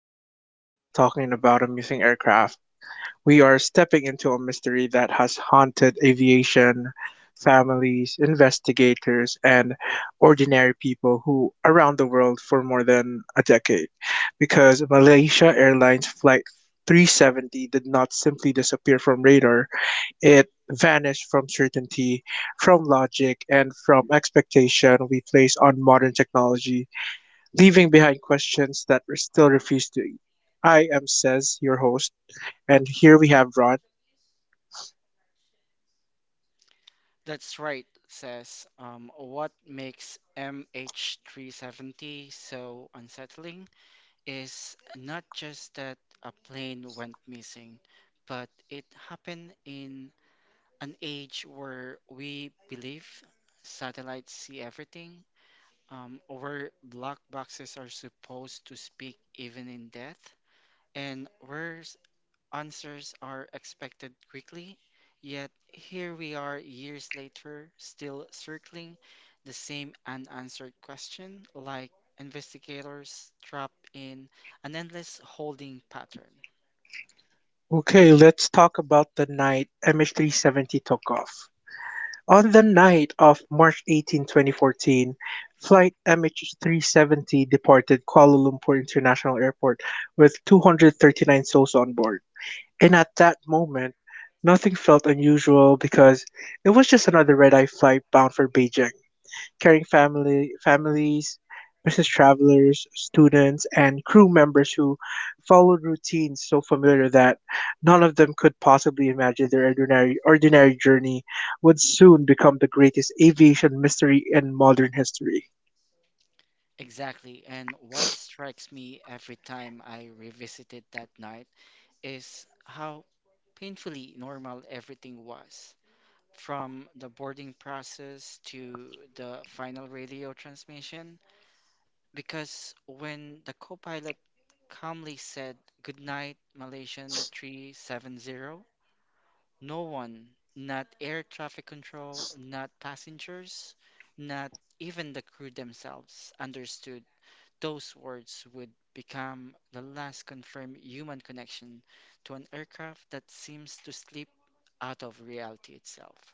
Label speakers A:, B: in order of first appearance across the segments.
A: we are not just talking about amusing aircraft. We are stepping into a mystery that has haunted aviation, families, investigators, and ordinary people who around the world for more than a decade. Because Malaysia Airlines Flight 370 did not simply disappear from radar, it vanished from certainty, from logic, and from expectation we place on modern technology leaving behind questions that we still refuse to eat. I am Says, your host, and here we have Ron.
B: That's right, says. What makes MH370 so unsettling is not just that a plane went missing, but it happened in an age where we believe satellites see everything, where black boxes are supposed to speak even in death, and where answers are expected quickly, yet here we are years later, still circling the same unanswered question, like investigators trapped in an endless holding pattern.
A: Okay, let's talk about the night MH370 took off. On the night of March 18, 2014, flight MH370 departed Kuala Lumpur International Airport with 239 souls on board. And at that moment, nothing felt unusual because it was just another red-eye flight bound for Beijing, carrying family families, business travelers, students, and crew members who followed routines so familiar that none of them could possibly imagine their ordinary journey would soon become the greatest aviation mystery in modern history.
B: Exactly, and what strikes me every time I revisited that night is how painfully normal everything was. From the boarding process to the final radio transmission, because when the co-pilot calmly said, "Good night, Malaysian 370," no one, not air traffic control, not passengers, not even the crew themselves, understood those words would become the last confirmed human connection to an aircraft that seems to slip out of reality itself.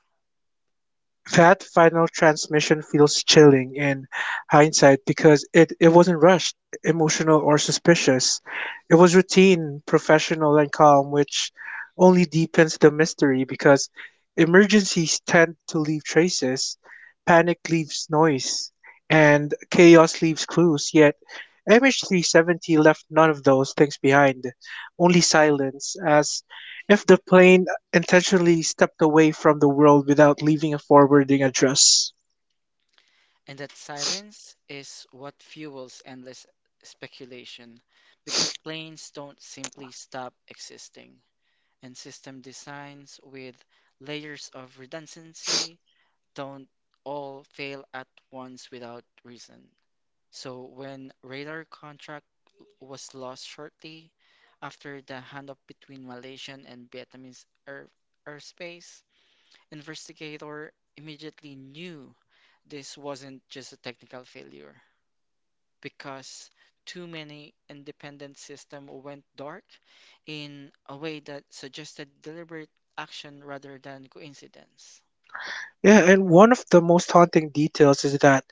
A: That final transmission feels chilling in hindsight because it wasn't rushed, emotional, or suspicious. It was routine, professional, and calm, which only deepens the mystery because emergencies tend to leave traces, panic leaves noise, and chaos leaves clues. Yet, MH370 left none of those things behind, only silence, as if the plane intentionally stepped away from the world without leaving a forwarding address.
B: And that silence is what fuels endless speculation because planes don't simply stop existing. And system designs with layers of redundancy don't all fail at once without reason. So when radar contract was lost shortly after the handoff between Malaysian and Vietnamese air airspace, investigator immediately knew this wasn't just a technical failure because too many independent systems went dark in a way that suggested deliberate action rather than coincidence.
A: Yeah, and one of the most haunting details is that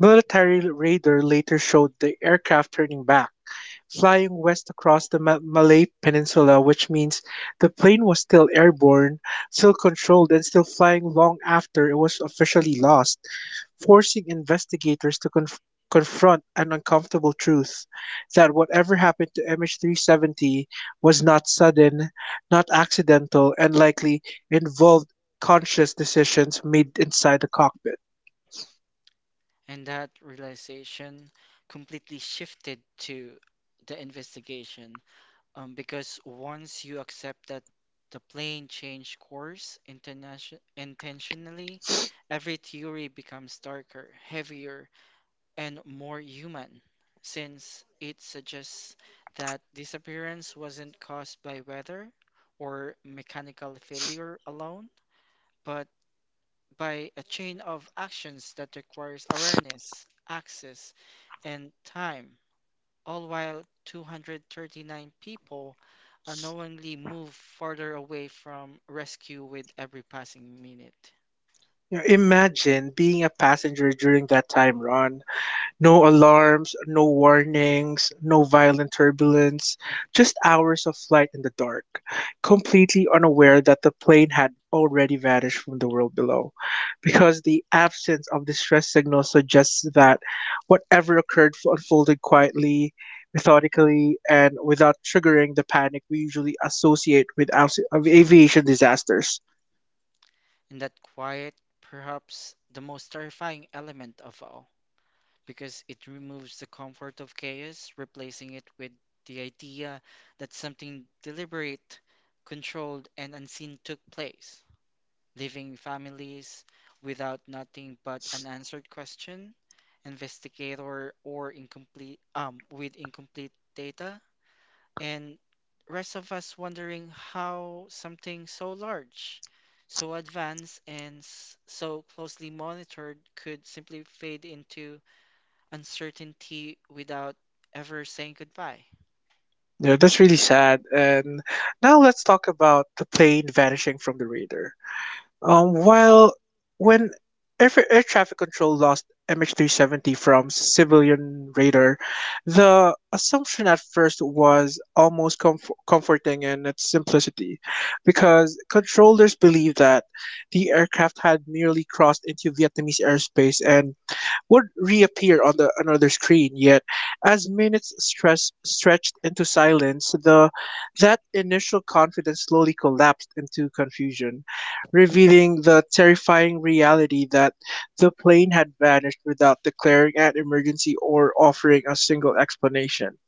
A: military radar later showed the aircraft turning back, flying west across the Malay Peninsula, which means the plane was still airborne, still controlled, and still flying long after it was officially lost, forcing investigators to confront an uncomfortable truth that whatever happened to MH370 was not sudden, not accidental, and likely involved conscious decisions made inside the cockpit.
B: And that realization completely shifted to the investigation, because once you accept that the plane changed course intentionally, every theory becomes darker, heavier, and more human, since it suggests that disappearance wasn't caused by weather or mechanical failure alone, but by a chain of actions that requires awareness, access, and time, all while 239 people unknowingly move farther away from rescue with every passing minute.
A: You know, imagine being a passenger during that time, Ron. No alarms, no warnings, no violent turbulence, just hours of flight in the dark, completely unaware that the plane had already vanished from the world below, because the absence of distress signals suggests that whatever occurred unfolded quietly, methodically, and without triggering the panic we usually associate with aus- of aviation disasters.
B: In that quiet, perhaps the most terrifying element of all, because it removes the comfort of chaos, replacing it with the idea that something deliberate, controlled, and unseen took place, leaving families without nothing but unanswered question, investigator or incomplete with incomplete data, and rest of us wondering how something so large, so advanced, and so closely monitored could simply fade into uncertainty without ever saying goodbye.
A: Yeah, that's really sad. And now let's talk about the plane vanishing from the radar. While When air traffic control lost MH370 from civilian radar, the assumption at first was almost comforting in its simplicity, because controllers believed that the aircraft had merely crossed into Vietnamese airspace and would reappear on the another screen. Yet, as minutes stretched into silence, the that initial confidence slowly collapsed into confusion, revealing the terrifying reality that the plane had vanished without declaring an emergency or offering a single explanation.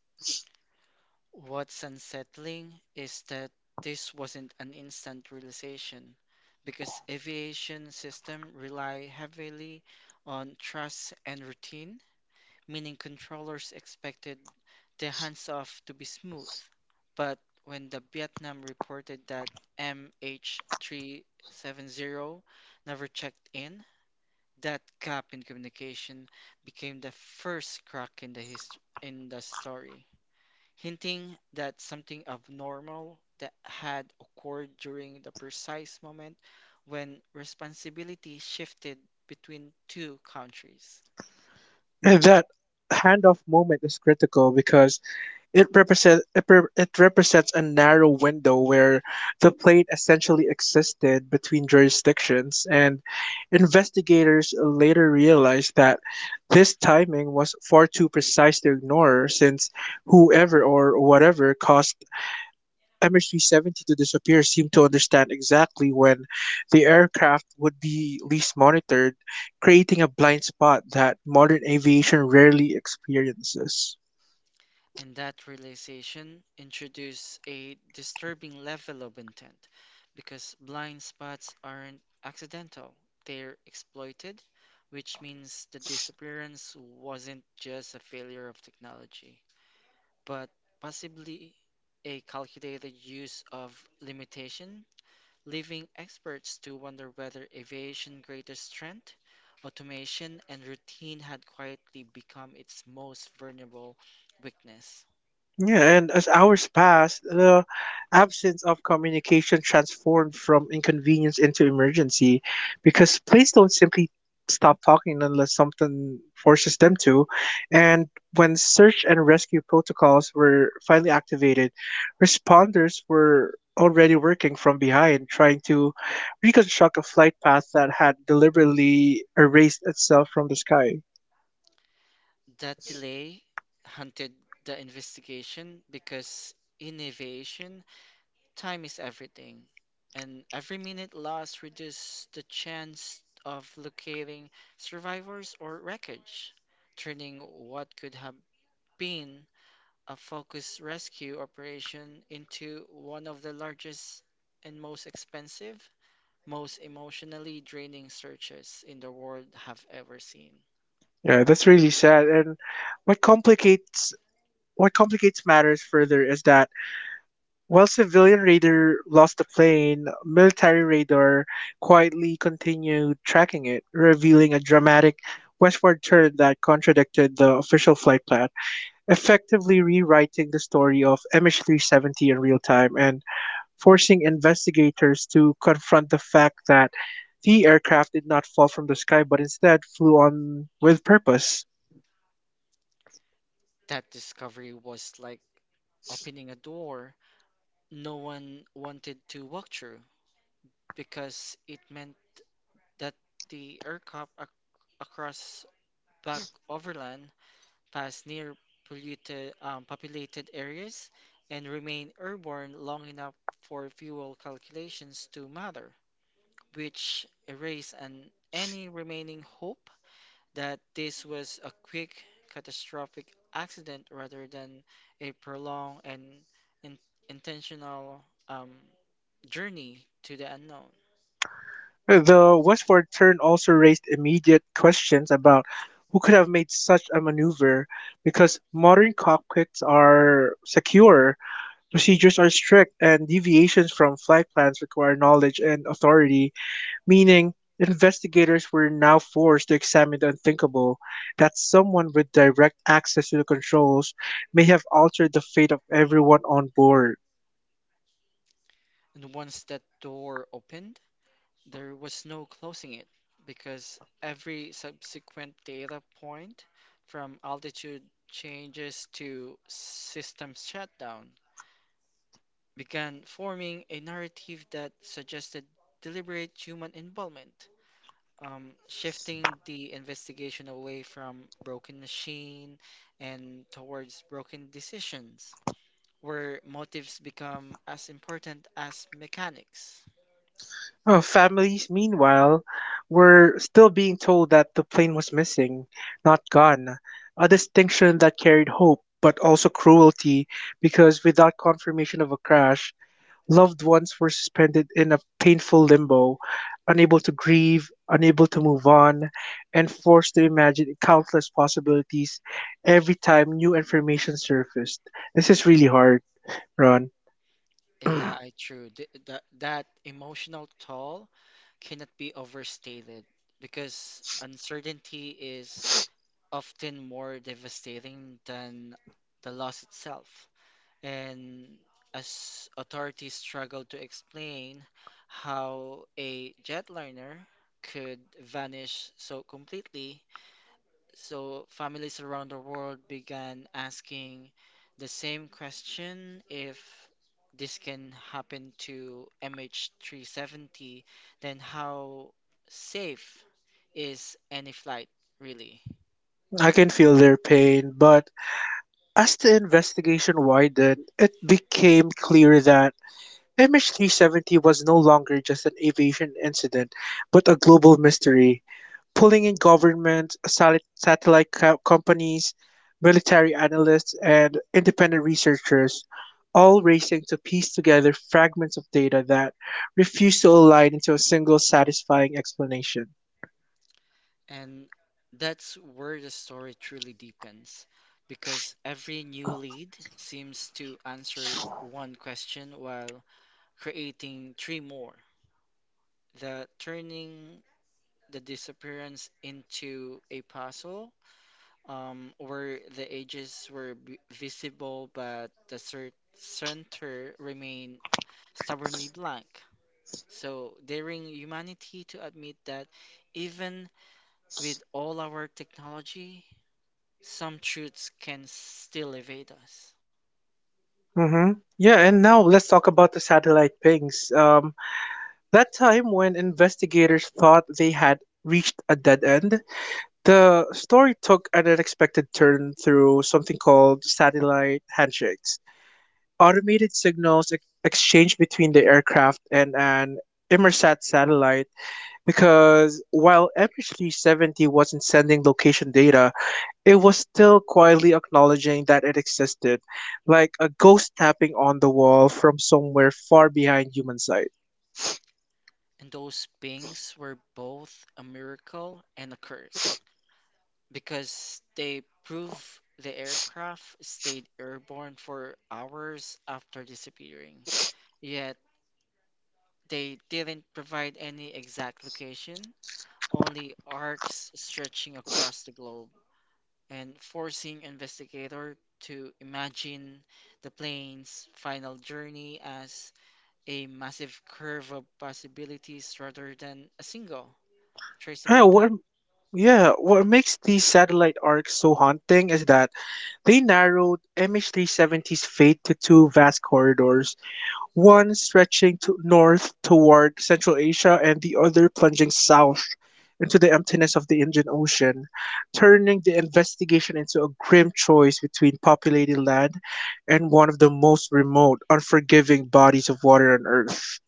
B: What's unsettling is that this wasn't an instant realization because aviation system rely heavily on trust and routine, meaning controllers expected the hands-off to be smooth. But when the Vietnam reported that MH370 never checked in, that gap in communication became the first crack in in the story, hinting that something abnormal that had occurred during the precise moment when responsibility shifted between two countries.
A: And that handoff moment is critical because it represents a narrow window where the plane essentially existed between jurisdictions, and investigators later realized that this timing was far too precise to ignore, since whoever or whatever caused MH370 to disappear seemed to understand exactly when the aircraft would be least monitored, creating a blind spot that modern aviation rarely experiences.
B: And that realization introduced a disturbing level of intent because blind spots aren't accidental, they're exploited, which means the disappearance wasn't just a failure of technology, but possibly a calculated use of limitation, leaving experts to wonder whether aviation's greater strength, automation, and routine had quietly become its most vulnerable weakness.
A: Yeah, and as hours passed, the absence of communication transformed from inconvenience into emergency because planes don't simply stop talking unless something forces them to. And when search and rescue protocols were finally activated, responders were already working from behind, trying to reconstruct a flight path that had deliberately erased itself from the sky.
B: That delay hunted the investigation because in aviation, time is everything, and every minute lost reduces the chance of locating survivors or wreckage, turning what could have been a focused rescue operation into one of the largest and most expensive, most emotionally draining searches in the world have ever seen.
A: Yeah, that's really sad. And what complicates what complicates matters further is that while civilian radar lost the plane, military radar quietly continued tracking it, revealing a dramatic westward turn that contradicted the official flight plan, effectively rewriting the story of MH370 in real time and forcing investigators to confront the fact that the aircraft did not fall from the sky but instead flew on with purpose.
B: That discovery was like opening a door no one wanted to walk through because it meant that the aircraft ac- across back overland passed near populated areas and remained airborne long enough for fuel calculations to matter, which erased any remaining hope that this was a quick catastrophic accident rather than a prolonged and in, intentional. Journey to the unknown.
A: The westward turn also raised immediate questions about who could have made such a maneuver because modern cockpits are secure, procedures are strict, and deviations from flight plans require knowledge and authority, meaning investigators were now forced to examine the unthinkable that someone with direct access to the controls may have altered the fate of everyone on board.
B: And once that door opened, there was no closing it because every subsequent data point from altitude changes to system shutdown began forming a narrative that suggested deliberate human involvement, shifting the investigation away from broken machine and towards broken decisions, where motives become as important as mechanics.
A: Families, meanwhile, were still being told that the plane was missing, not gone, a distinction that carried hope but also cruelty because without confirmation of a crash, loved ones were suspended in a painful limbo, unable to grieve, unable to move on, and forced to imagine countless possibilities every time new information surfaced. This is really hard, Ron.
B: Yeah, I true. That emotional toll cannot be overstated because uncertainty is often more devastating than the loss itself. And as authorities struggle to explain how a jetliner could vanish so completely, so families around the world began asking the same question, if this can happen to MH370, then how safe is any flight really?
A: I can feel their pain, but as the investigation widened, it became clear that MH370 was no longer just an aviation incident, but a global mystery, pulling in governments, satellite companies, military analysts, and independent researchers, all racing to piece together fragments of data that refuse to align into a single satisfying explanation.
B: And that's where the story truly deepens because every new lead seems to answer one question while creating three more. The turning the disappearance into a puzzle, where the edges were visible, but the center remained stubbornly blank. So, daring humanity to admit that even with all our technology, some truths can still evade us.
A: Mm-hmm. Yeah, and now let's talk about the satellite pings. That time when investigators thought they had reached a dead end, the story took an unexpected turn through something called satellite handshakes, automated signals exchanged between the aircraft and an Immersat satellite because while MH370 wasn't sending location data, it was still quietly acknowledging that it existed, like a ghost tapping on the wall from somewhere far behind human sight.
B: And those beings were both a miracle and a curse because they prove the aircraft stayed airborne for hours after disappearing. Yet, they didn't provide any exact location, only arcs stretching across the globe and forcing investigator to imagine the plane's final journey as a massive curve of possibilities rather than a single
A: Yeah,
B: traceable
A: what
B: path.
A: yeah, what makes these satellite arcs so haunting is that they narrowed MH370's fate to two vast corridors, one stretching to north toward Central Asia and the other plunging south into the emptiness of the Indian Ocean, turning the investigation into a grim choice between populated land and one of the most remote, unforgiving bodies of water on Earth.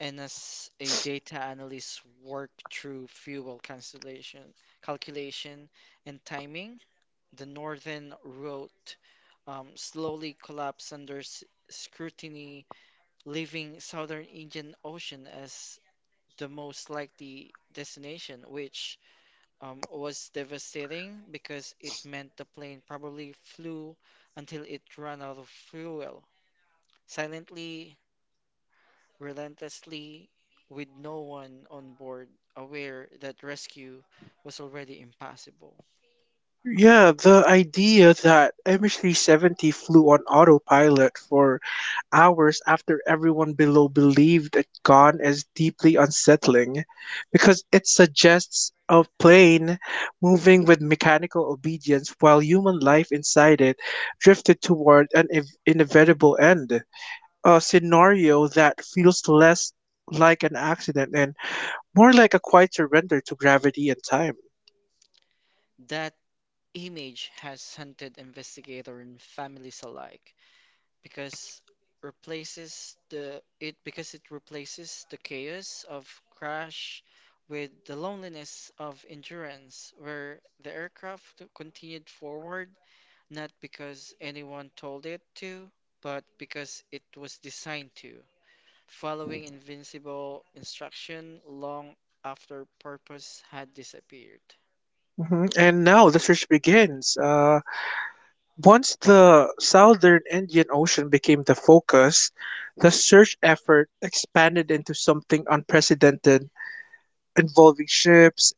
B: And as a data analyst work through fuel cancellation, calculation and timing, the northern route slowly collapsed under scrutiny, leaving southern Indian Ocean as the most likely destination, which was devastating because it meant the plane probably flew until it ran out of fuel, silently, relentlessly, with no one on board aware that rescue was already impossible.
A: Yeah, the idea that MH370 flew on autopilot for hours after everyone below believed it gone is deeply unsettling because it suggests a plane moving with mechanical obedience while human life inside it drifted toward an inevitable end. A scenario that feels less like an accident and more like a quiet surrender to gravity and time.
B: That image has hunted investigator and families alike because replaces the it because it replaces the chaos of crash with the loneliness of endurance, where the aircraft continued forward not because anyone told it to, but because it was designed to, following invincible instruction long after purpose had disappeared.
A: Hmm. And now the search begins. Once the southern Indian Ocean became the focus, the search effort expanded into something unprecedented, involving ships,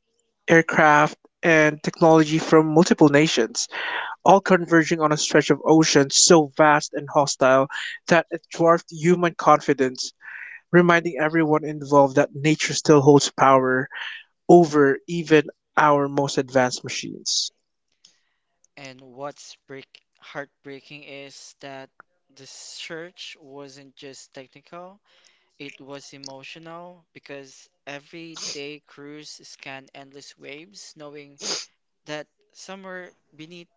A: aircraft, and technology from multiple nations, all converging on a stretch of ocean so vast and hostile that it dwarfed human confidence, reminding everyone involved that nature still holds power over even our most advanced machines.
B: And heartbreaking is that the search wasn't just technical. It was emotional because every day crews scanned endless waves, knowing that somewhere beneath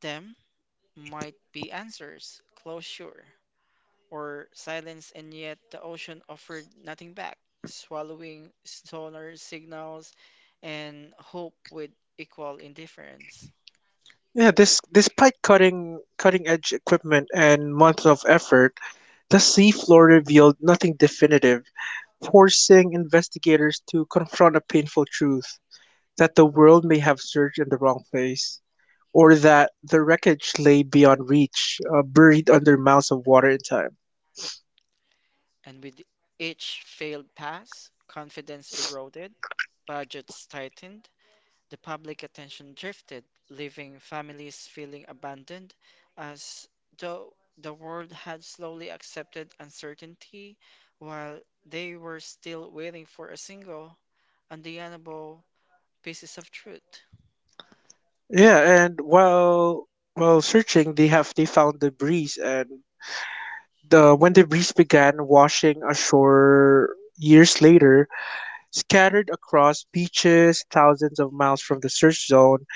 B: them might be answers, closure, or silence, and yet the ocean offered nothing back, swallowing sonar signals and hope with equal indifference.
A: Yeah, this despite cutting edge equipment and months of effort, the seafloor revealed nothing definitive, forcing investigators to confront a painful truth that the world may have searched in the wrong place, or that the wreckage lay beyond reach, buried under miles of water in time.
B: And with each failed pass, confidence eroded, budgets tightened, the public attention drifted, leaving families feeling abandoned as though the world had slowly accepted uncertainty while they were still waiting for a single, undeniable pieces of truth.
A: Yeah, and while searching, they found the breeze, and the when the breeze began washing ashore years later, scattered across beaches thousands of miles from the search zone,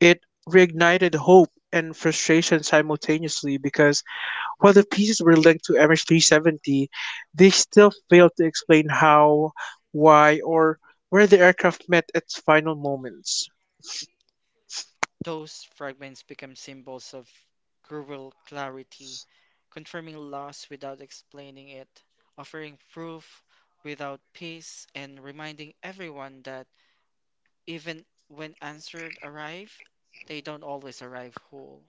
A: it reignited hope and frustration simultaneously because while the pieces were linked to MH370, they still failed to explain how, why, or where the aircraft met its final moments.
B: Those fragments become symbols of cruel clarity, confirming loss without explaining it, offering proof without peace, and reminding everyone that even when answered arrive, they don't always arrive whole.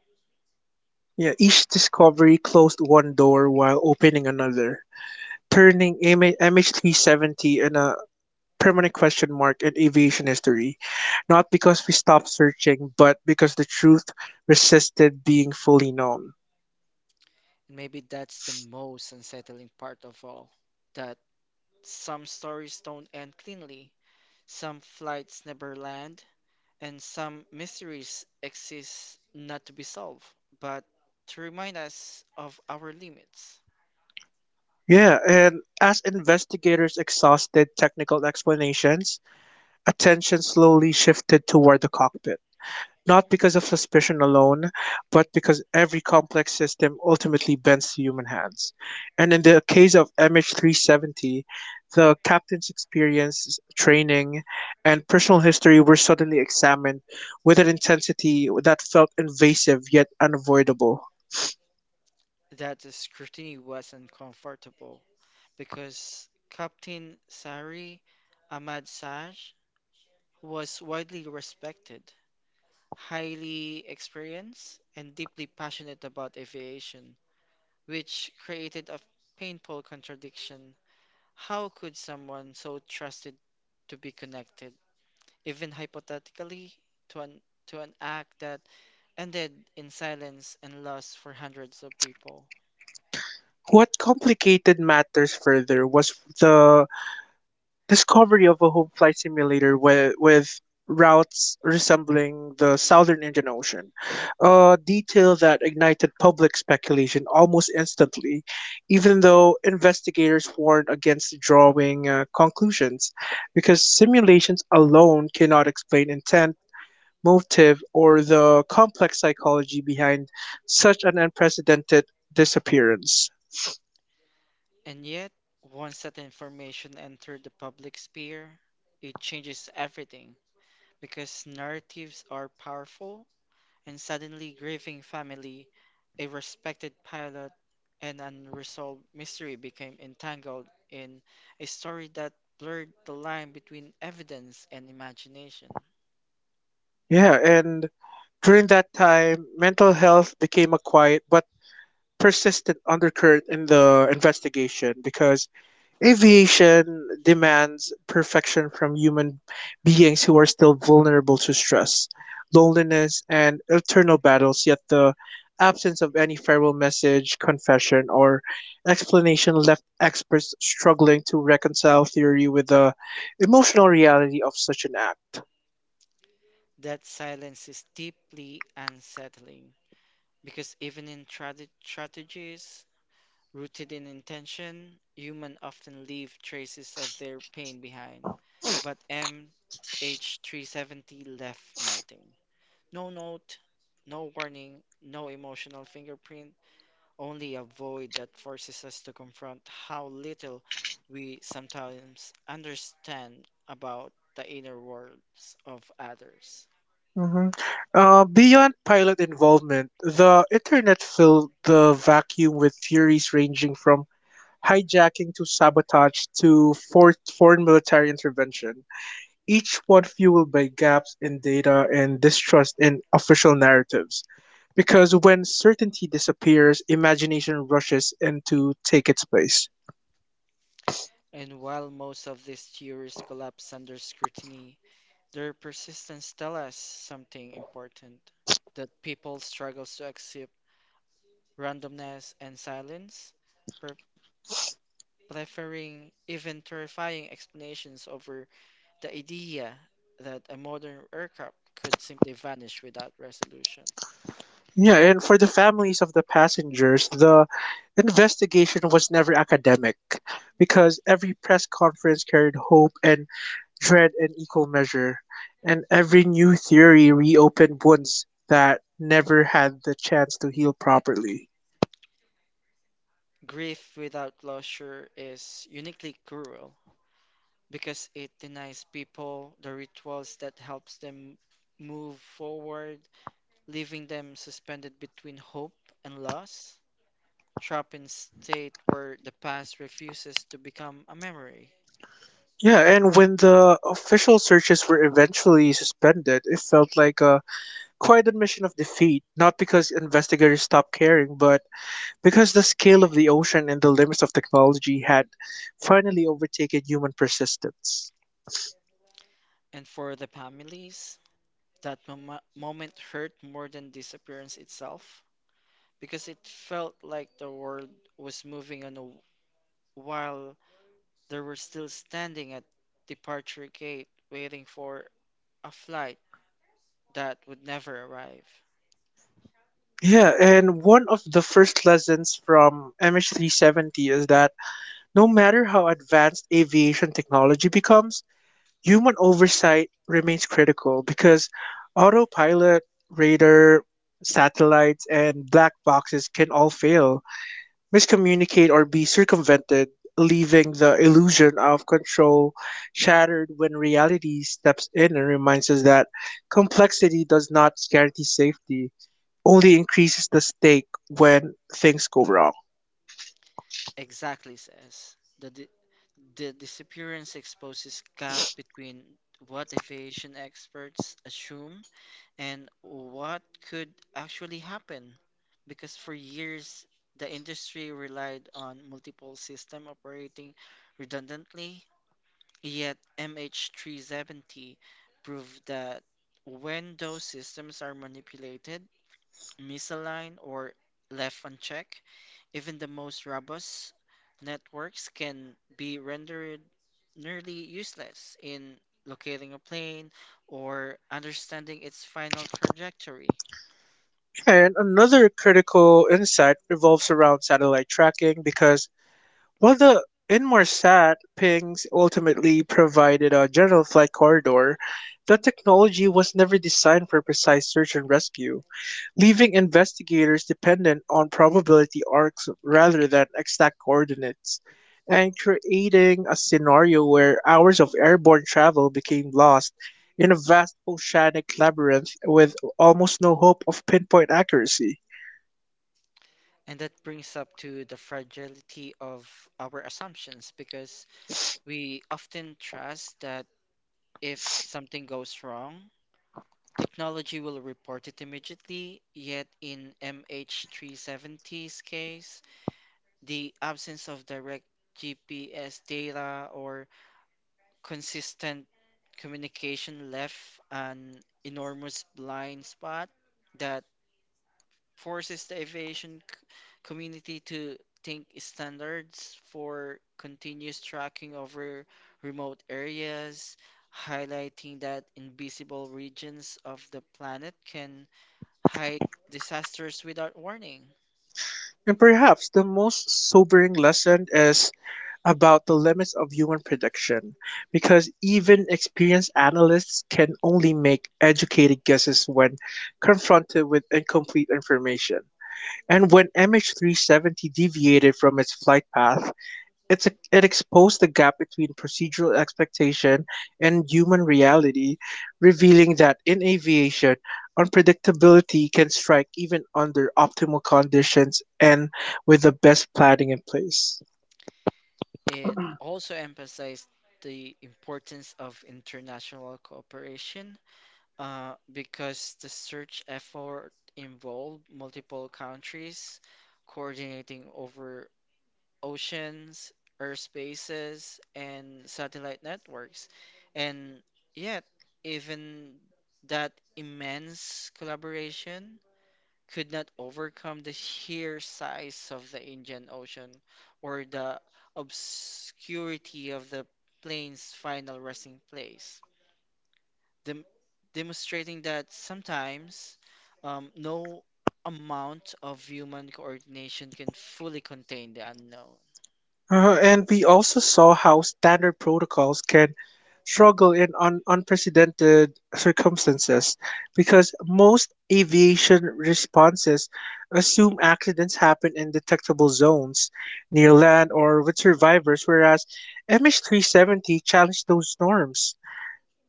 A: Yeah, each discovery closed one door while opening another, turning MH- 370 in a permanent question mark in aviation history. Not because we stopped searching, but because the truth resisted being fully known.
B: And maybe that's the most unsettling part of all. That some stories don't end cleanly, some flights never land, and some mysteries exist not to be solved, but to remind us of our limits.
A: Yeah, and as investigators exhausted technical explanations, attention slowly shifted toward the cockpit, not because of suspicion alone, but because every complex system ultimately bends to human hands. And in the case of MH370, the captain's experience, training, and personal history were suddenly examined with an intensity that felt invasive yet unavoidable.
B: That the scrutiny was uncomfortable because Captain Sari Ahmad Saj was widely respected, highly experienced and deeply passionate about aviation, which created a painful contradiction. How could someone so trusted to be connected, even hypothetically, to an to an act that ended in silence and loss for hundreds of people?
A: What complicated matters further was the discovery of a home flight simulator with routes resembling the southern Indian Ocean, a detail that ignited public speculation almost instantly, even though investigators warned against drawing conclusions, because simulations alone cannot explain intent, motive, or the complex psychology behind such an unprecedented disappearance.
B: And yet, once that information entered the public sphere, it changes everything because narratives are powerful and suddenly grieving family, a respected pilot, and unresolved mystery became entangled in a story that blurred the line between evidence and imagination.
A: Yeah, and during that time, mental health became a quiet but persistent undercurrent in the investigation because aviation demands perfection from human beings who are still vulnerable to stress, loneliness, and internal battles, yet the absence of any farewell message, confession, or explanation left experts struggling to reconcile theory with the emotional reality of such an act.
B: That silence is deeply unsettling because even in strategies rooted in intention, humans often leave traces of their pain behind. But MH370 left nothing. No note, no warning, no emotional fingerprint, only a void that forces us to confront how little we sometimes understand about the inner worlds of others.
A: Hmm. Beyond pilot involvement, the internet filled the vacuum with theories ranging from hijacking to sabotage to foreign military intervention, each one fueled by gaps in data and distrust in official narratives, because when certainty disappears, imagination rushes in to take its place.
B: And while most of these theories collapse under scrutiny, their persistence tells us something important, that people struggle to accept randomness and silence, pre- preferring even terrifying explanations over the idea that a modern aircraft could simply vanish without resolution.
A: Yeah, and for the families of the passengers, the investigation was never academic because every press conference carried hope and dread in equal measure, and every new theory reopened wounds that never had the chance to heal properly.
B: Grief without closure is uniquely cruel because it denies people the rituals that helps them move forward, leaving them suspended between hope and loss, trapped in state where the past refuses to become a memory.
A: Yeah, and when the official searches were eventually suspended, it felt like a quiet admission of defeat, not because investigators stopped caring, but because the scale of the ocean and the limits of technology had finally overtaken human persistence.
B: And for the families, that moment hurt more than disappearance itself because it felt like the world was moving on while they were still standing at departure gate waiting for a flight that would never arrive.
A: Yeah, and one of the first lessons from MH370 is that no matter how advanced aviation technology becomes, human oversight remains critical because autopilot, radar, satellites, and black boxes can all fail, miscommunicate, or be circumvented, leaving the illusion of control shattered when reality steps in and reminds us that complexity does not guarantee safety, only increases the stake when things go wrong.
B: Exactly says, the disappearance exposes gap between what aviation experts assume and what could actually happen because for years the industry relied on multiple system operating redundantly. Yet MH370 proved that when those systems are manipulated, misaligned, or left unchecked, even the most robust networks can be rendered nearly useless in locating a plane or understanding its final trajectory.
A: And another critical insight revolves around satellite tracking because while the Inmarsat pings ultimately provided a general flight corridor, the technology was never designed for precise search and rescue, leaving investigators dependent on probability arcs rather than exact coordinates, and creating a scenario where hours of airborne travel became lost in a vast oceanic labyrinth with almost no hope of pinpoint accuracy.
B: And that brings up to the fragility of our assumptions because we often trust that if something goes wrong, technology will report it immediately, yet in MH370's case, the absence of direct GPS data or consistent communication left an enormous blind spot that forces the aviation community to think standards for continuous tracking over remote areas, highlighting that invisible regions of the planet can hide disasters without warning.
A: And perhaps the most sobering lesson is about the limits of human prediction, because even experienced analysts can only make educated guesses when confronted with incomplete information. And when MH370 deviated from its flight path, it exposed the gap between procedural expectation and human reality, revealing that in aviation, unpredictability can strike even under optimal conditions and with the best planning in place.
B: It also emphasized the importance of international cooperation, because the search effort involved multiple countries, coordinating over oceans, airspaces, and satellite networks. And yet, even that immense collaboration could not overcome the sheer size of the Indian Ocean or the obscurity of the plane's final resting place, dem- demonstrating that sometimes, no amount of human coordination can fully contain the unknown.
A: And we also saw how standard protocols can struggle in unprecedented circumstances because most aviation responses assume accidents happen in detectable zones near land or with survivors, whereas MH370 challenged those norms,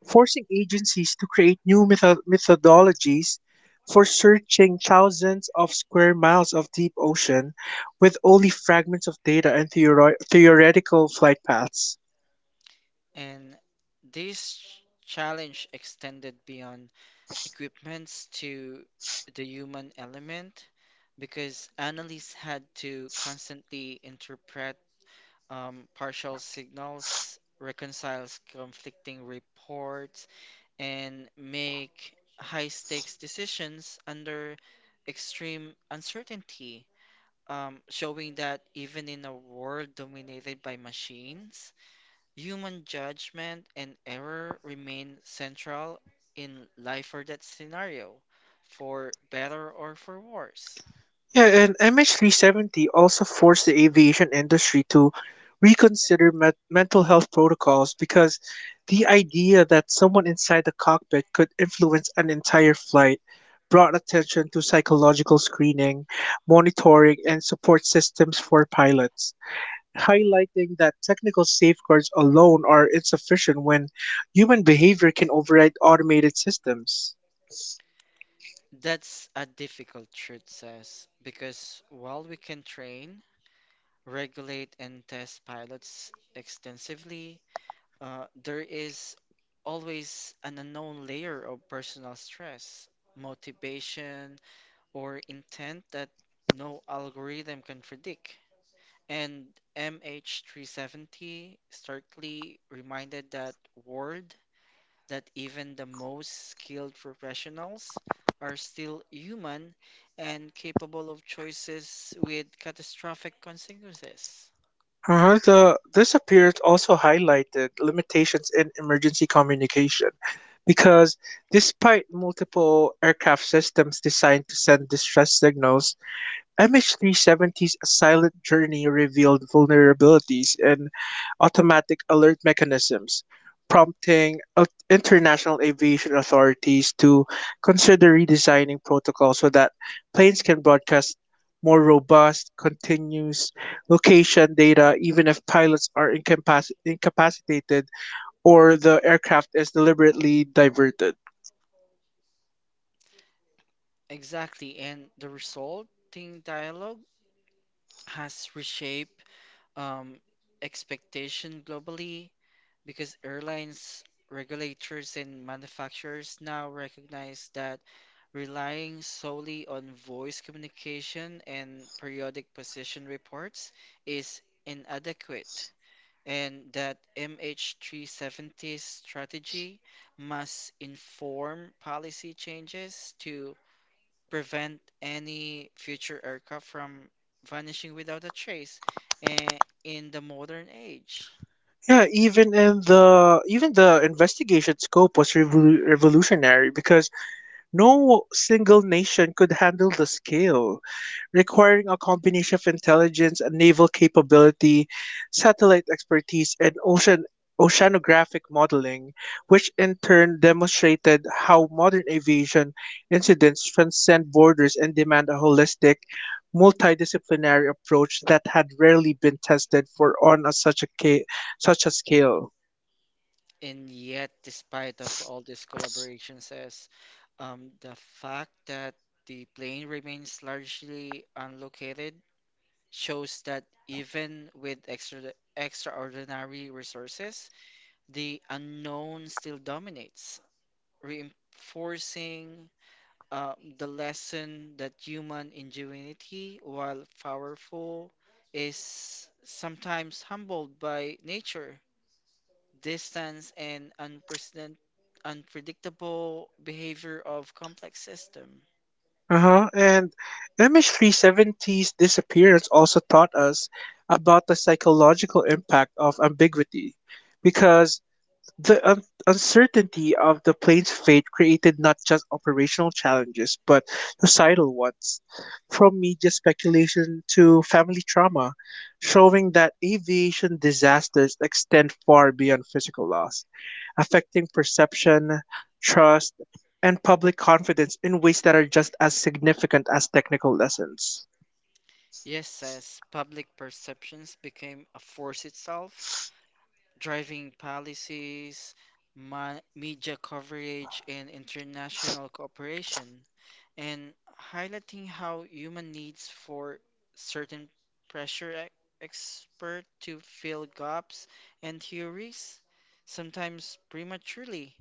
A: forcing agencies to create new methodologies for searching thousands of square miles of deep ocean with only fragments of data and theoretical flight paths.
B: And this challenge extended beyond equipments to the human element because analysts had to constantly interpret partial signals, reconcile conflicting reports, and make high stakes decisions under extreme uncertainty, showing that even in a world dominated by machines, human judgment and error remain central in life or death scenario, for better or for worse.
A: Yeah, and MH370 also forced the aviation industry to reconsider mental health protocols because the idea that someone inside the cockpit could influence an entire flight brought attention to psychological screening, monitoring, and support systems for pilots, highlighting that technical safeguards alone are insufficient when human behavior can override automated systems.
B: That's a difficult truth, says, because while we can train, regulate, and test pilots extensively, there is always an unknown layer of personal stress, motivation, or intent that no algorithm can predict. And MH370 starkly reminded that world that even the most skilled professionals are still human and capable of choices with catastrophic consequences.
A: Uh-huh. The, this appearance also highlighted limitations in emergency communication because despite multiple aircraft systems designed to send distress signals, MH370's silent journey revealed vulnerabilities in automatic alert mechanisms, prompting international aviation authorities to consider redesigning protocols so that planes can broadcast more robust, continuous location data, even if pilots are incapacitated or the aircraft is deliberately diverted.
B: Exactly, and the resulting dialogue has reshaped um, expectation globally because airlines, regulators, and manufacturers now recognize that relying solely on voice communication and periodic position reports is inadequate, and that MH370's strategy must inform policy changes to prevent any future aircraft from vanishing without a trace in the modern age.
A: Yeah, even in the even the investigation scope was revolutionary because no single nation could handle the scale, requiring a combination of intelligence and naval capability, satellite expertise, and oceanographic modeling, which in turn demonstrated how modern aviation incidents transcend borders and demand a holistic, multidisciplinary approach that had rarely been tested for on a, such a ca- such a scale.
B: And yet, despite of all these collaborations, as the fact that the plane remains largely unlocated shows that even with extraordinary resources, the unknown still dominates, reinforcing uh, the lesson that human ingenuity, while powerful, is sometimes humbled by nature, distance, and unprecedented, unpredictable behavior of complex system.
A: Uh-huh. And MH370's disappearance also taught us about the psychological impact of ambiguity because the uncertainty of the plane's fate created not just operational challenges, but societal ones, from media speculation to family trauma, showing that aviation disasters extend far beyond physical loss, affecting perception, trust, and public confidence in ways that are just as significant as technical lessons.
B: Yes, as public perceptions became a force itself, driving policies, media coverage, and international cooperation, and highlighting how human needs for certain pressure expert to fill gaps and theories, sometimes prematurely,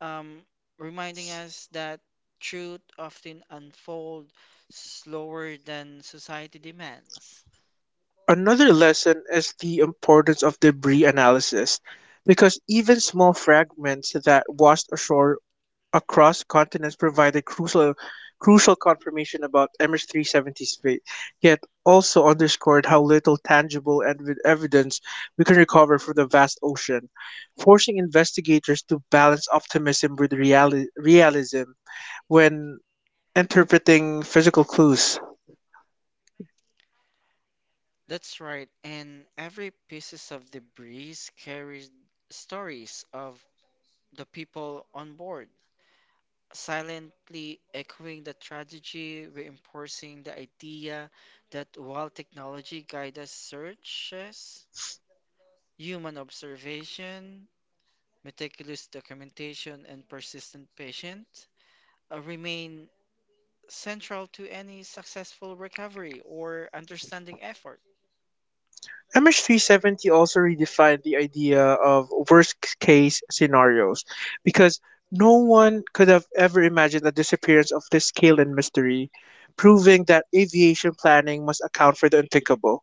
B: um, reminding us that truth often unfolds slower than society demands.
A: Another lesson is the importance of debris analysis, because even small fragments that washed ashore across continents provided crucial confirmation about MH370's fate, yet also underscored how little tangible evidence we can recover from the vast ocean, forcing investigators to balance optimism with realism when interpreting physical clues.
B: That's right, and every pieces of debris carries stories of the people on board, silently echoing the tragedy, reinforcing the idea that while technology guides us searches, human observation, meticulous documentation, and persistent patience remain central to any successful recovery or understanding effort.
A: MH370 also redefined the idea of worst case scenarios because no one could have ever imagined the disappearance of this scale and mystery, proving that aviation planning must account for the unthinkable,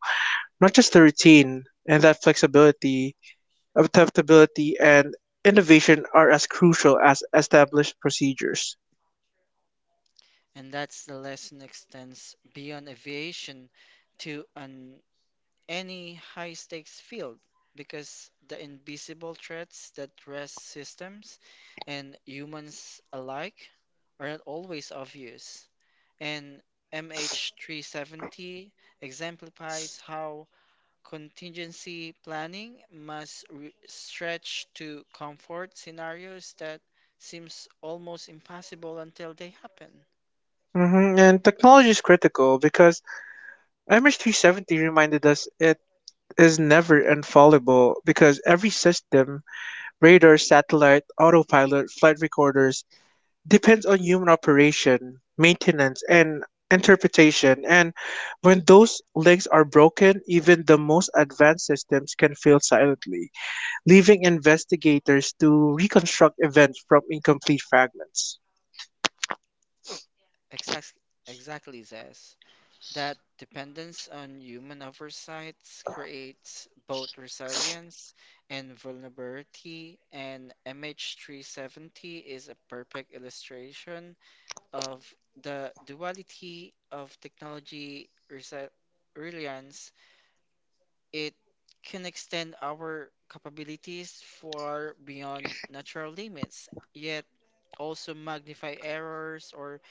A: not just the routine, and that flexibility, adaptability, and innovation are as crucial as established procedures.
B: And that's the lesson extends beyond aviation to an any high stakes field because the invisible threats that rest systems and humans alike are not always obvious. And MH370 exemplifies how contingency planning must stretch to comfort scenarios that seems almost impossible until they happen.
A: And technology is critical because MH370 reminded us it is never infallible, because every system, radar, satellite, autopilot, flight recorders, depends on human operation, maintenance, and interpretation. And when those links are broken, even the most advanced systems can fail silently, leaving investigators to reconstruct events from incomplete fragments.
B: Exact, exactly, Zez. That dependence on human oversight creates both resilience and vulnerability, and MH370 is a perfect illustration of the duality of technology reliance. It can extend our capabilities far beyond natural limits, yet also magnify errors or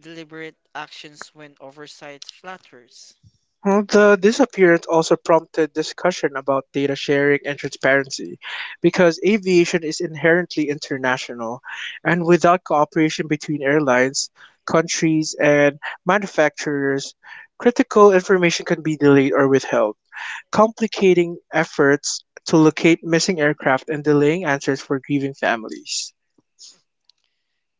B: deliberate actions when oversight flatters.
A: Well, the disappearance also prompted discussion about data sharing and transparency because aviation is inherently international, and without cooperation between airlines, countries, and manufacturers, critical information can be delayed or withheld, complicating efforts to locate missing aircraft and delaying answers for grieving families.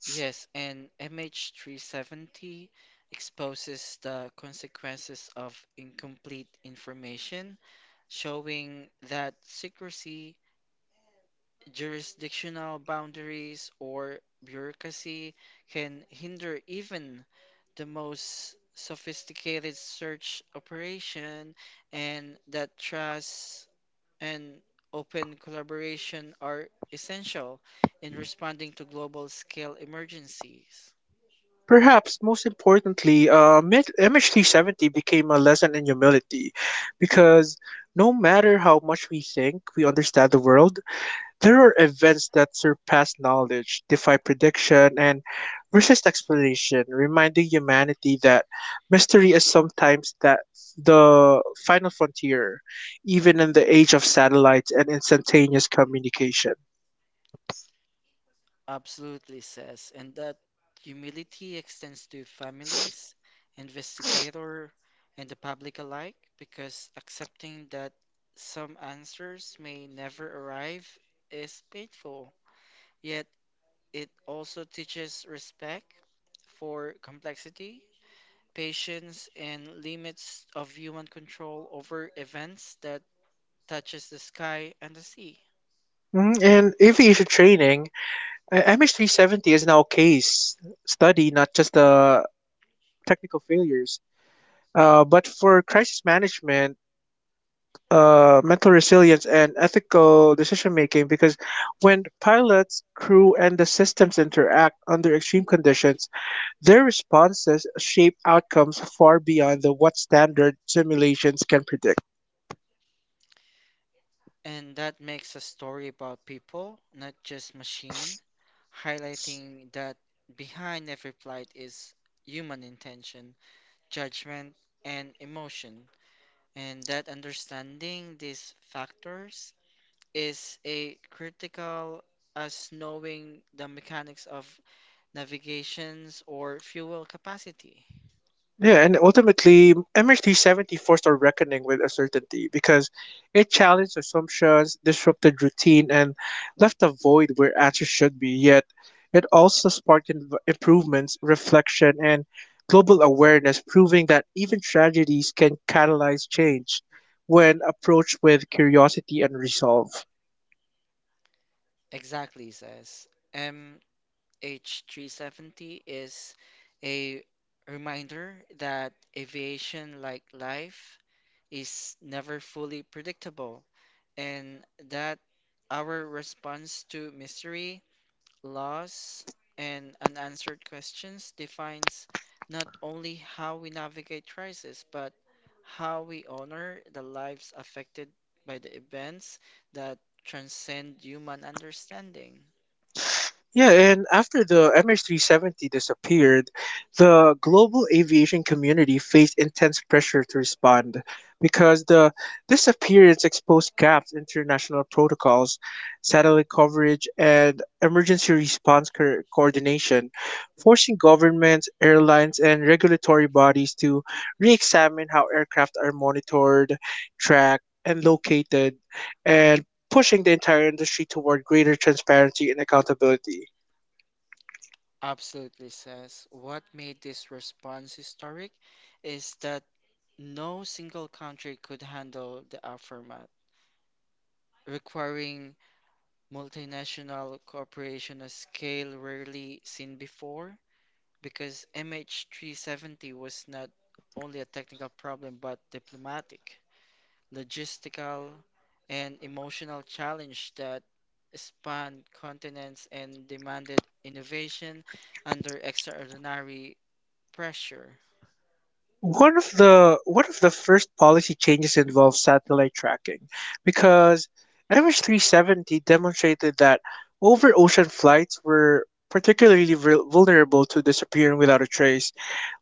B: Yes, and MH370 exposes the consequences of incomplete information, showing that secrecy, jurisdictional boundaries, or bureaucracy can hinder even the most sophisticated search operation, and that trust and open collaboration are essential in responding to global scale emergencies.
A: Perhaps most importantly, MH370 became a lesson in humility because no matter how much we think we understand the world, there are events that surpass knowledge, defy prediction, and resist explanation, reminding humanity that mystery is sometimes that the final frontier, even in the age of satellites and instantaneous communication.
B: Absolutely, says, and that humility extends to families, investigator, and the public alike, because accepting that some answers may never arrive is painful. Yet it also teaches respect for complexity, patience, and limits of human control over events that touches the sky and the sea.
A: Mhm. And aviation training, MH370 is now a case study, not just the technical failures, but for crisis management, mental resilience, and ethical decision making because when pilots, crew, and the systems interact under extreme conditions, their responses shape outcomes far beyond the what standard simulations can predict.
B: And that makes a story about people, not just machine, highlighting that behind every plight is human intention, judgment, and emotion, and that understanding these factors is a critical as knowing the mechanics of navigations or fuel capacity.
A: Yeah, and ultimately, MHD70 forced a reckoning with uncertainty because it challenged assumptions, disrupted routine, and left a void where answers should be. Yet, it also sparked improvements, reflection, and global awareness, proving that even tragedies can catalyze change when approached with curiosity and resolve.
B: Exactly, says. H370 is a reminder that aviation, like life, is never fully predictable and that our response to mystery Laws and unanswered questions defines not only how we navigate crisis, but how we honor the lives affected by the events that transcend human understanding.
A: Yeah, and after the MH370 disappeared, the global aviation community faced intense pressure to respond because the disappearance exposed gaps in international protocols, satellite coverage, and emergency response coordination, forcing governments, airlines, and regulatory bodies to re examine how aircraft are monitored, tracked, and located, and pushing the entire industry toward greater transparency and accountability.
B: Absolutely, says, what made this response historic is that no single country could handle the aftermath, requiring multinational corporation a scale rarely seen before because MH370 was not only a technical problem but diplomatic, logistical, and emotional challenge that spanned continents and demanded innovation under extraordinary pressure.
A: One of the first policy changes involves satellite tracking, because MH370 demonstrated that over ocean flights were particularly vulnerable to disappearing without a trace,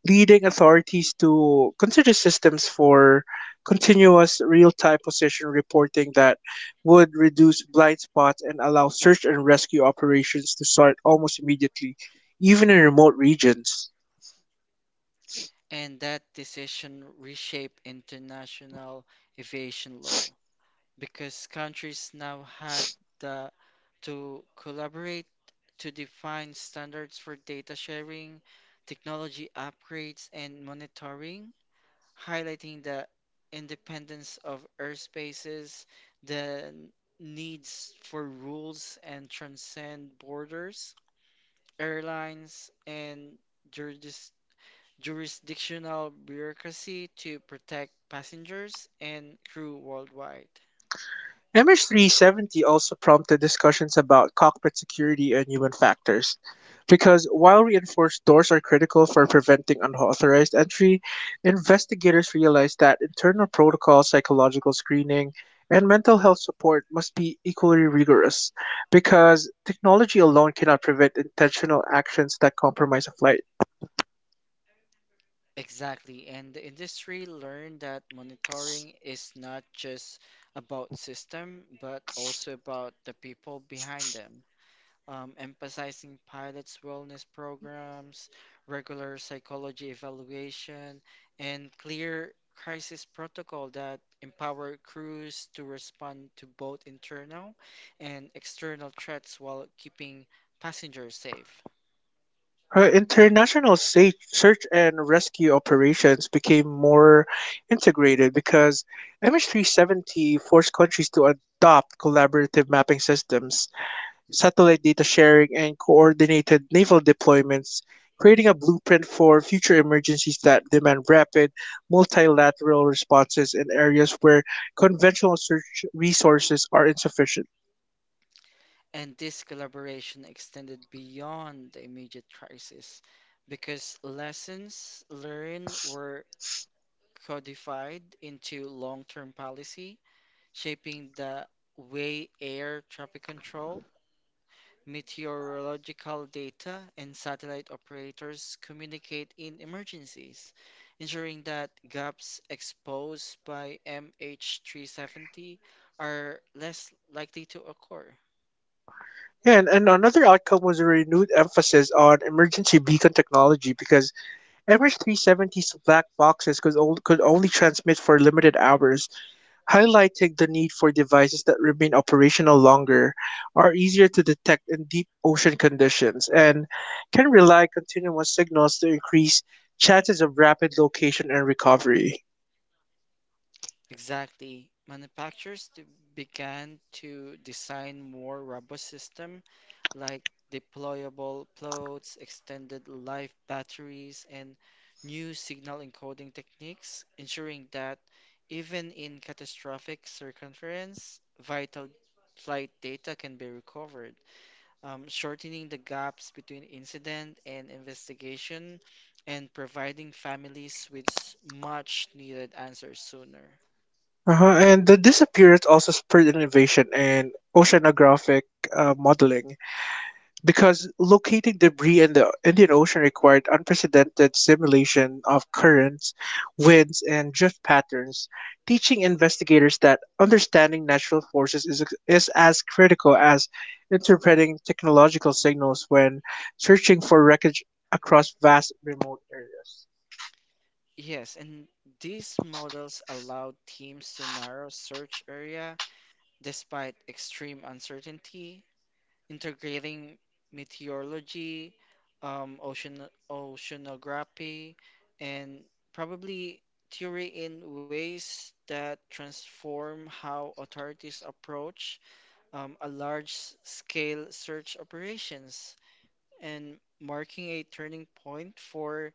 A: leading authorities to consider systems for continuous real-time position reporting that would reduce blind spots and allow search and rescue operations to start almost immediately, even in remote regions.
B: And that decision reshaped international aviation law, because countries now had the, to collaborate to define standards for data sharing, technology upgrades, and monitoring, highlighting the independence of airspaces, the needs for rules and transcend borders, airlines, and juris- jurisdictional bureaucracy to protect passengers and crew worldwide.
A: Mh 370 also prompted discussions about cockpit security and human factors, because while reinforced doors are critical for preventing unauthorized entry, investigators realized that internal protocol, psychological screening, and mental health support must be equally rigorous because technology alone cannot prevent intentional actions that compromise a flight.
B: Exactly, and the industry learned that monitoring is not just about system, but also about the people behind them. Emphasizing pilots' wellness programs, regular psychology evaluation, and clear crisis protocol that empower crews to respond to both internal and external threats while keeping passengers safe.
A: Her international search and rescue operations became more integrated because MH370 forced countries to adopt collaborative mapping systems, satellite data sharing, and coordinated naval deployments, creating a blueprint for future emergencies that demand rapid, multilateral responses in areas where conventional search resources are insufficient.
B: And this collaboration extended beyond the immediate crisis because lessons learned were codified into long term policy, shaping the way air traffic control, meteorological data, and satellite operators communicate in emergencies, ensuring that gaps exposed by MH370 are less likely to occur.
A: Yeah, and another outcome was a renewed emphasis on emergency beacon technology because Emmer's 370's black boxes could only transmit for limited hours, highlighting the need for devices that remain operational longer, are easier to detect in deep ocean conditions, and can rely continuous signals to increase chances of rapid location and recovery.
B: Exactly. Manufacturers began to design more robust system like deployable plots, extended life batteries, and new signal encoding techniques, ensuring that even in catastrophic circumference, vital flight data can be recovered, shortening the gaps between incident and investigation, and providing families with much needed answers sooner.
A: Uh-huh. And the disappearance also spurred innovation in oceanographic modeling, because locating debris in the Indian Ocean required unprecedented simulation of currents, winds, and drift patterns, teaching investigators that understanding natural forces is as critical as interpreting technological signals when searching for wreckage across vast remote areas.
B: Yes, and these models allow teams to narrow search area despite extreme uncertainty, integrating meteorology, um, ocean oceanography, and probably theory in ways that transform how authorities approach a large-scale search operations and marking a turning point for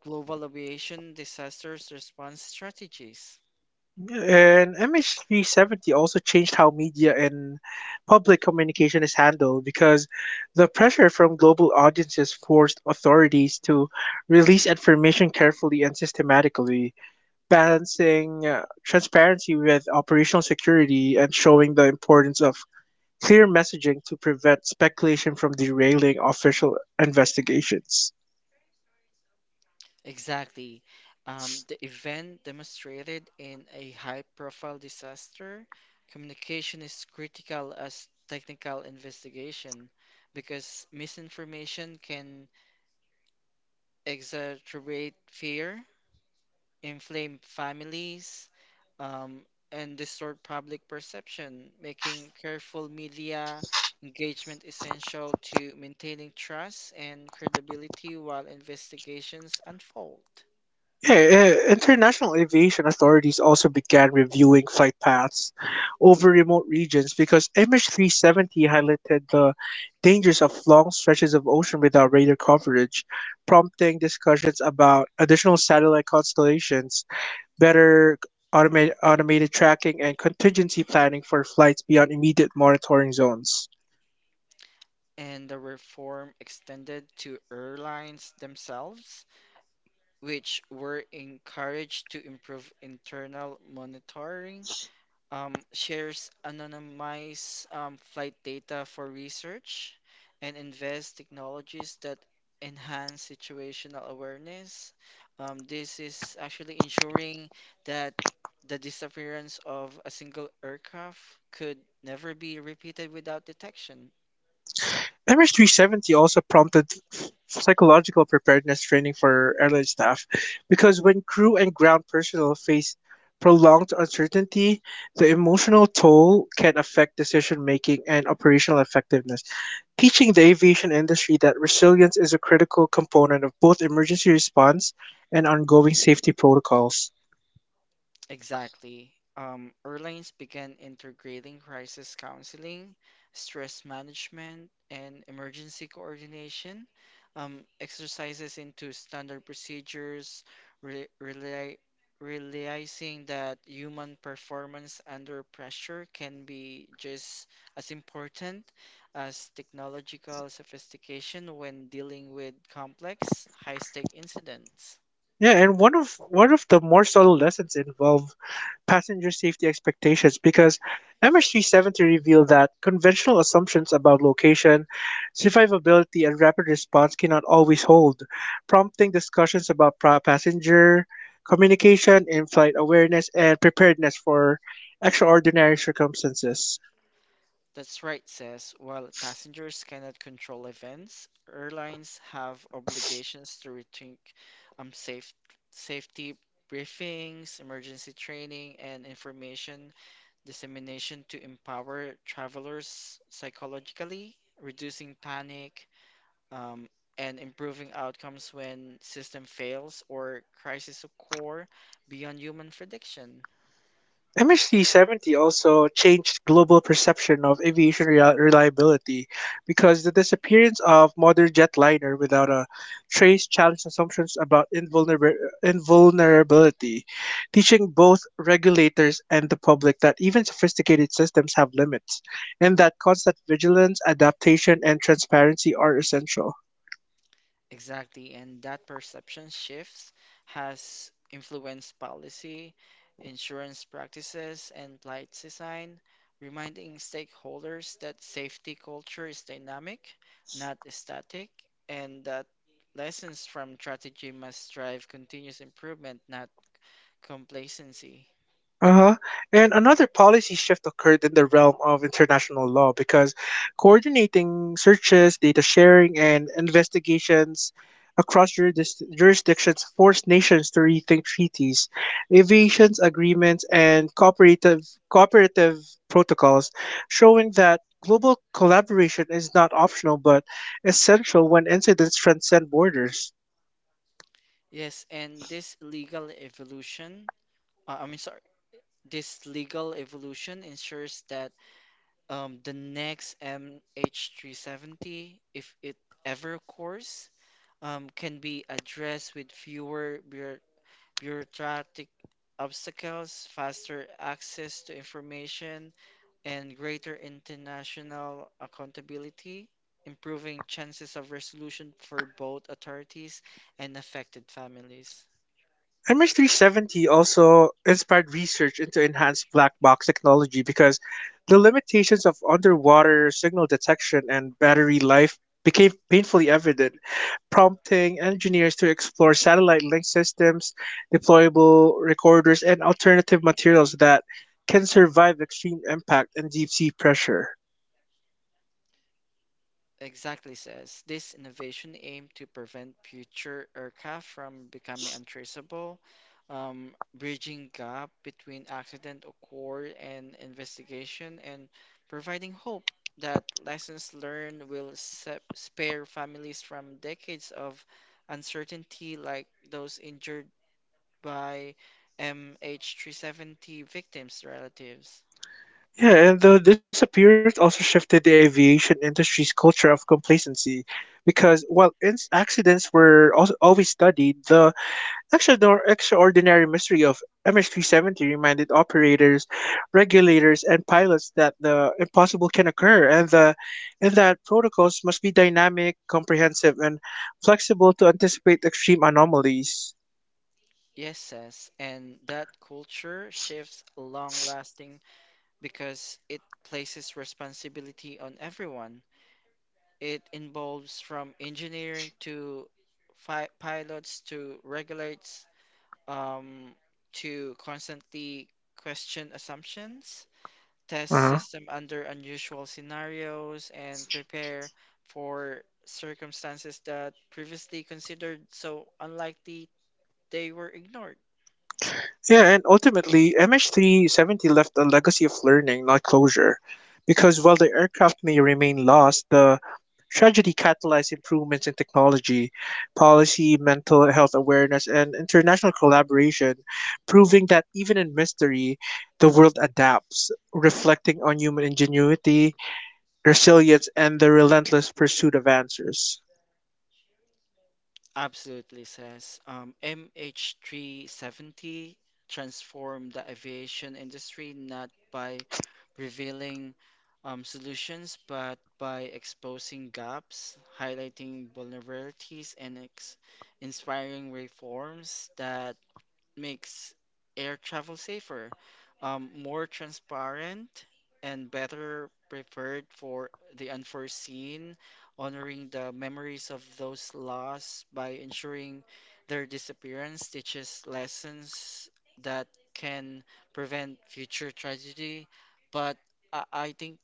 B: global aviation disasters response strategies.
A: And MH370 also changed how media and public communication is handled because the pressure from global audiences forced authorities to release information carefully and systematically, balancing transparency with operational security and showing the importance of clear messaging to prevent speculation from derailing official investigations.
B: Exactly. The event demonstrated in a high-profile disaster, communication is critical as technical investigation because misinformation can exacerbate fear, inflame families, um, and distort public perception, making careful media engagement essential to maintaining trust and credibility while investigations unfold.
A: Yeah, eh, international aviation authorities also began reviewing flight paths over remote regions because MH370 highlighted the dangers of long stretches of ocean without radar coverage, prompting discussions about additional satellite constellations, better automated tracking, and contingency planning for flights beyond immediate monitoring zones.
B: And the reform extended to airlines themselves, which were encouraged to improve internal monitoring, shares anonymized flight data for research, and invests technologies that enhance situational awareness. This is actually ensuring that the disappearance of a single aircraft could never be repeated without detection.
A: MS370 also prompted psychological preparedness training for airline staff because when crew and ground personnel face prolonged uncertainty, the emotional toll can affect decision making and operational effectiveness, teaching the aviation industry that resilience is a critical component of both emergency response and ongoing safety protocols.
B: Exactly. Airlines began integrating crisis counseling, stress management, and emergency coordination exercises into standard procedures, re rely realizing that human performance under pressure can be just as important as technological sophistication when dealing with complex, high-stake incidents.
A: Yeah, and one of the more subtle lessons involve passenger safety expectations because MH370 revealed that conventional assumptions about location, survivability, and rapid response cannot always hold, prompting discussions about passenger communication, in flight awareness, and preparedness for extraordinary circumstances.
B: That's right, says, while passengers cannot control events, airlines have obligations to rethink um, safe, safety briefings, emergency training, and information dissemination to empower travelers psychologically, reducing panic, um, and improving outcomes when system fails or crisis occur beyond human prediction.
A: MH370 also changed global perception of aviation reliability because the disappearance of modern jetliner without a trace challenged assumptions about invulnerability, teaching both regulators and the public that even sophisticated systems have limits and that constant vigilance, adaptation, and transparency are essential.
B: Exactly, and that perception shifts has influenced policy, insurance practices, and flight design, reminding stakeholders that safety culture is dynamic, not static, and that lessons from strategy must drive continuous improvement, not complacency.
A: Uh-huh. And another policy shift occurred in the realm of international law because coordinating searches, data sharing, and investigations across jurisdictions forced nations to rethink treaties, aviations agreements, and cooperative protocols, showing that global collaboration is not optional but essential when incidents transcend borders.
B: Yes, and this legal evolution, uh, I mean, sorry, this legal evolution ensures that the next MH370, if it ever occurs, can be addressed with fewer bureaucratic obstacles, faster access to information, and greater international accountability, improving chances of resolution for both authorities and affected families.
A: MS370 also inspired research into enhanced black box technology because the limitations of underwater signal detection and battery life became painfully evident, prompting engineers to explore satellite link systems, deployable recorders, and alternative materials that can survive extreme impact and deep sea pressure.
B: Exactly, says, this innovation aimed to prevent future aircraft from becoming untraceable, um, bridging gap between accident occur and investigation, and providing hope that lessons learned will spare families from decades of uncertainty like those injured by MH370 victims' relatives.
A: Yeah, and the disappearance also shifted the aviation industry's culture of complacency because while accidents were also always studied, the extraordinary mystery of MH370 reminded operators, regulators, and pilots that the impossible can occur and that protocols must be dynamic, comprehensive, and flexible to anticipate extreme anomalies.
B: Yes, says, and that culture shifts long lasting because it places responsibility on everyone. It involves from engineering to pilots to regulates um, to constantly question assumptions, test
A: Uh-huh.
B: system under unusual scenarios, and prepare for circumstances that previously considered so unlikely they were ignored.
A: Yeah, and ultimately, MH370 left a legacy of learning, not closure, because while the aircraft may remain lost, the tragedy catalyzed improvements in technology, policy, mental health awareness, and international collaboration, proving that even in mystery, the world adapts, reflecting on human ingenuity, resilience, and the relentless pursuit of answers.
B: Absolutely, says, MH370 transformed the aviation industry not by revealing solutions, but by exposing gaps, highlighting vulnerabilities, and ex inspiring reforms that makes air travel safer, more transparent, and better prepared for the unforeseen, honoring the memories of those lost by ensuring their disappearance teaches lessons that can prevent future tragedy. But I think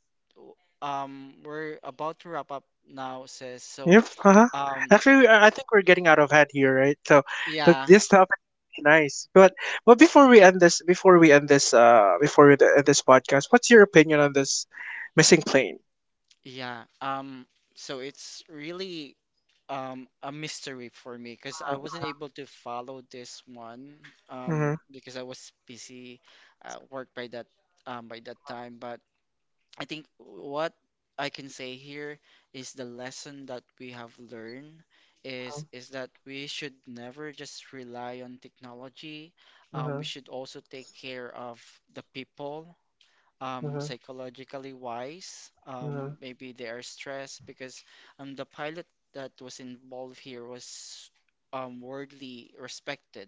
B: we're about to wrap up now, says, so.
A: Yep. Uh-huh.
B: Um,
A: Actually, I think we're getting out of hand here, right? So, but
B: yeah,
A: this topic is really nice. But before we end this, before we end this, before we end this podcast, what's your opinion on this missing plane?
B: yeah. So it's really a mystery for me because I wasn't
A: Mm-hmm.
B: able to follow this one
A: Mm-hmm.
B: because I was busy at work by that
A: Mm-hmm.
B: time. But I think what I can say here is the lesson that we have learned
A: Mm-hmm.
B: is that we should never just rely on technology. We
A: Mm-hmm.
B: should also take care of the people,
A: Mm-hmm. Mm-hmm.
B: psychologically wise.
A: Mm-hmm.
B: Maybe they are stressed because the pilot that was involved here was worldly respected,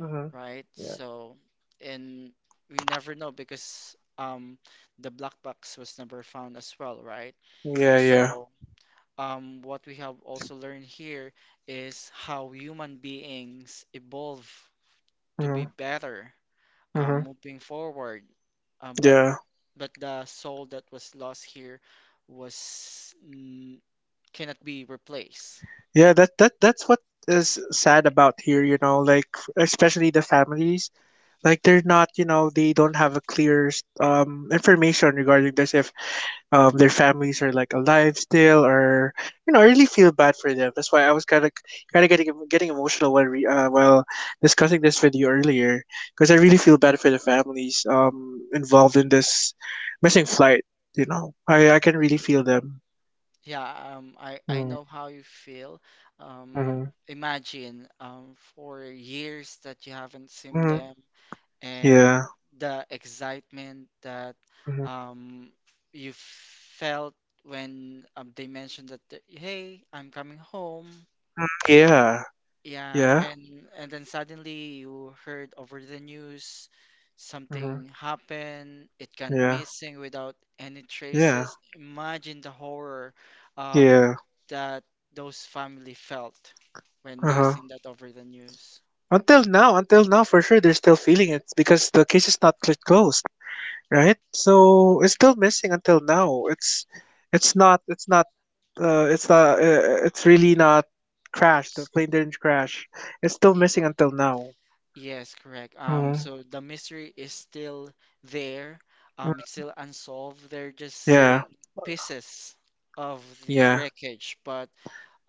A: Mm-hmm.
B: right?
A: Yeah.
B: So, and we never know because the black box was never found as well, right?
A: Yeah. Yeah.
B: So, what we have also learned here is how human beings evolve to be
A: Mm-hmm.
B: better,
A: Mm-hmm.
B: moving forward. Um, but
A: Yeah.
B: but the soul that was lost here was cannot be replaced.
A: Yeah. That's what is sad about here. You know, like, especially the families, like, they're not, they don't have a clear information regarding this, if their families are like alive still or, I really feel bad for them. That's why I was kind of getting emotional while while discussing this with you earlier, because I really feel bad for the families involved in this missing flight. I can really feel them.
B: Yeah, I know
A: Mm.
B: how you feel. Um,
A: Mm-hmm.
B: imagine for years that you haven't seen
A: Mm-hmm.
B: them and
A: Yeah.
B: the excitement that
A: Mm-hmm.
B: um, you felt when they mentioned that, hey, I'm coming home.
A: Mm. Yeah.
B: Yeah,
A: Yeah. Mm-hmm.
B: and then suddenly you heard over the news
A: Mm-hmm.
B: something happened, it gone
A: Yeah.
B: missing without any
A: Yeah.
B: traces. Imagine the horror, um,
A: Yeah.
B: that those family felt when they
A: Uh-huh.
B: seen that over the news.
A: Until now, for sure, they're still feeling it because the case is not closed, right? So it's still missing until now. It's not, it's not, it's not, It's really not crashed. The plane didn't crash. It's still
B: Y-
A: missing until now.
B: Yes, correct.
A: Mm.
B: So the mystery is still there. It's
A: Mm.
B: still unsolved. They're just
A: Yeah.
B: seeing pieces of the
A: Yeah.
B: wreckage, but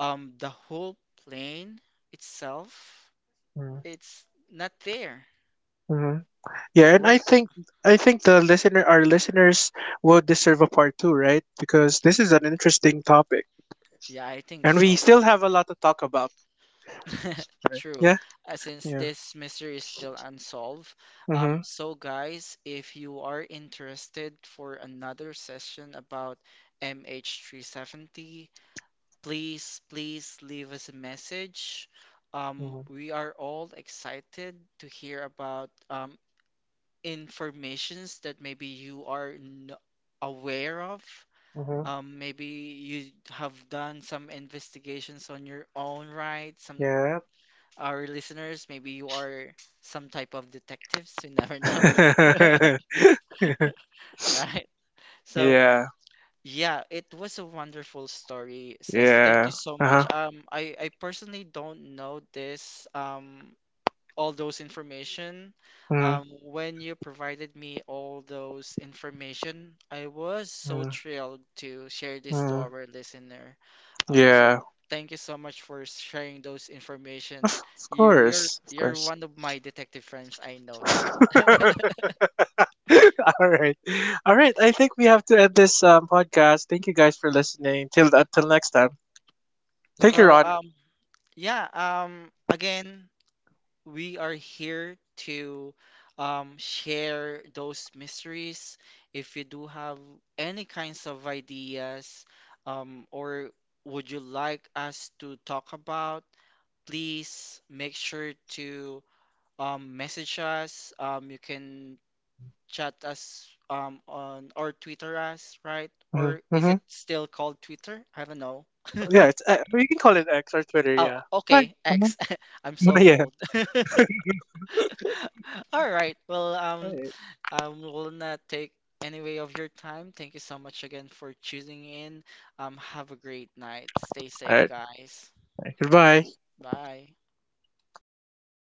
B: the whole plane itself
A: Mm.
B: it's not there.
A: Mhm. Yeah, and
B: Where?
A: I think the listener, our listeners, would deserve a part two, right? Because this is an interesting topic,
B: Yeah, I think
A: and we
B: so.
A: still have a lot to talk about.
B: True.
A: Yeah.
B: Since
A: Yeah.
B: this mystery is still unsolved,
A: Mm-hmm.
B: so guys, if you are interested for another session about MH370, please, please leave us a message.
A: Mm-hmm.
B: We are all excited to hear about informations that maybe you are n aware of.
A: Mm-hmm.
B: Maybe you have done some investigations on your own, right? Some
A: Yeah.
B: our listeners, maybe you are some type of detectives, you never know. Right? So,
A: Yeah.
B: yeah, it was a wonderful story, Says. Thank you
A: Yeah.
B: so
A: Uh
B: much.
A: huh.
B: I personally don't know this all those information.
A: Mm.
B: When you provided me all those information, I was so
A: Mm.
B: thrilled to share this to
A: Mm.
B: our listener. So
A: Yeah.
B: thank you so much for sharing those information.
A: Of, of
B: You're you're
A: course. Of
B: you're
A: course.
B: one of my detective friends. I know that.
A: All right. All right. I think we have to end this podcast. Thank you guys for listening. Till Until next time. Thank you,
B: Well,
A: Ron.
B: yeah, again. We are here to share those mysteries. If you do have any kinds of ideas, or would you like us to talk about, please make sure to message us. You can chat us on or Twitter us, right?
A: Mm-hmm.
B: Or is it still called Twitter? I don't know.
A: Yeah. It's, you can call it X or Twitter.
B: Oh,
A: Yeah. Right.
B: okay,
A: Mm-hmm.
B: X. I'm so old.
A: Yeah.
B: All right. Well,
A: All right.
B: will not take any way of your time. Thank you so much again for choosing in. Have a great night. Stay
A: All
B: safe,
A: right.
B: guys.
A: Goodbye.
B: Bye.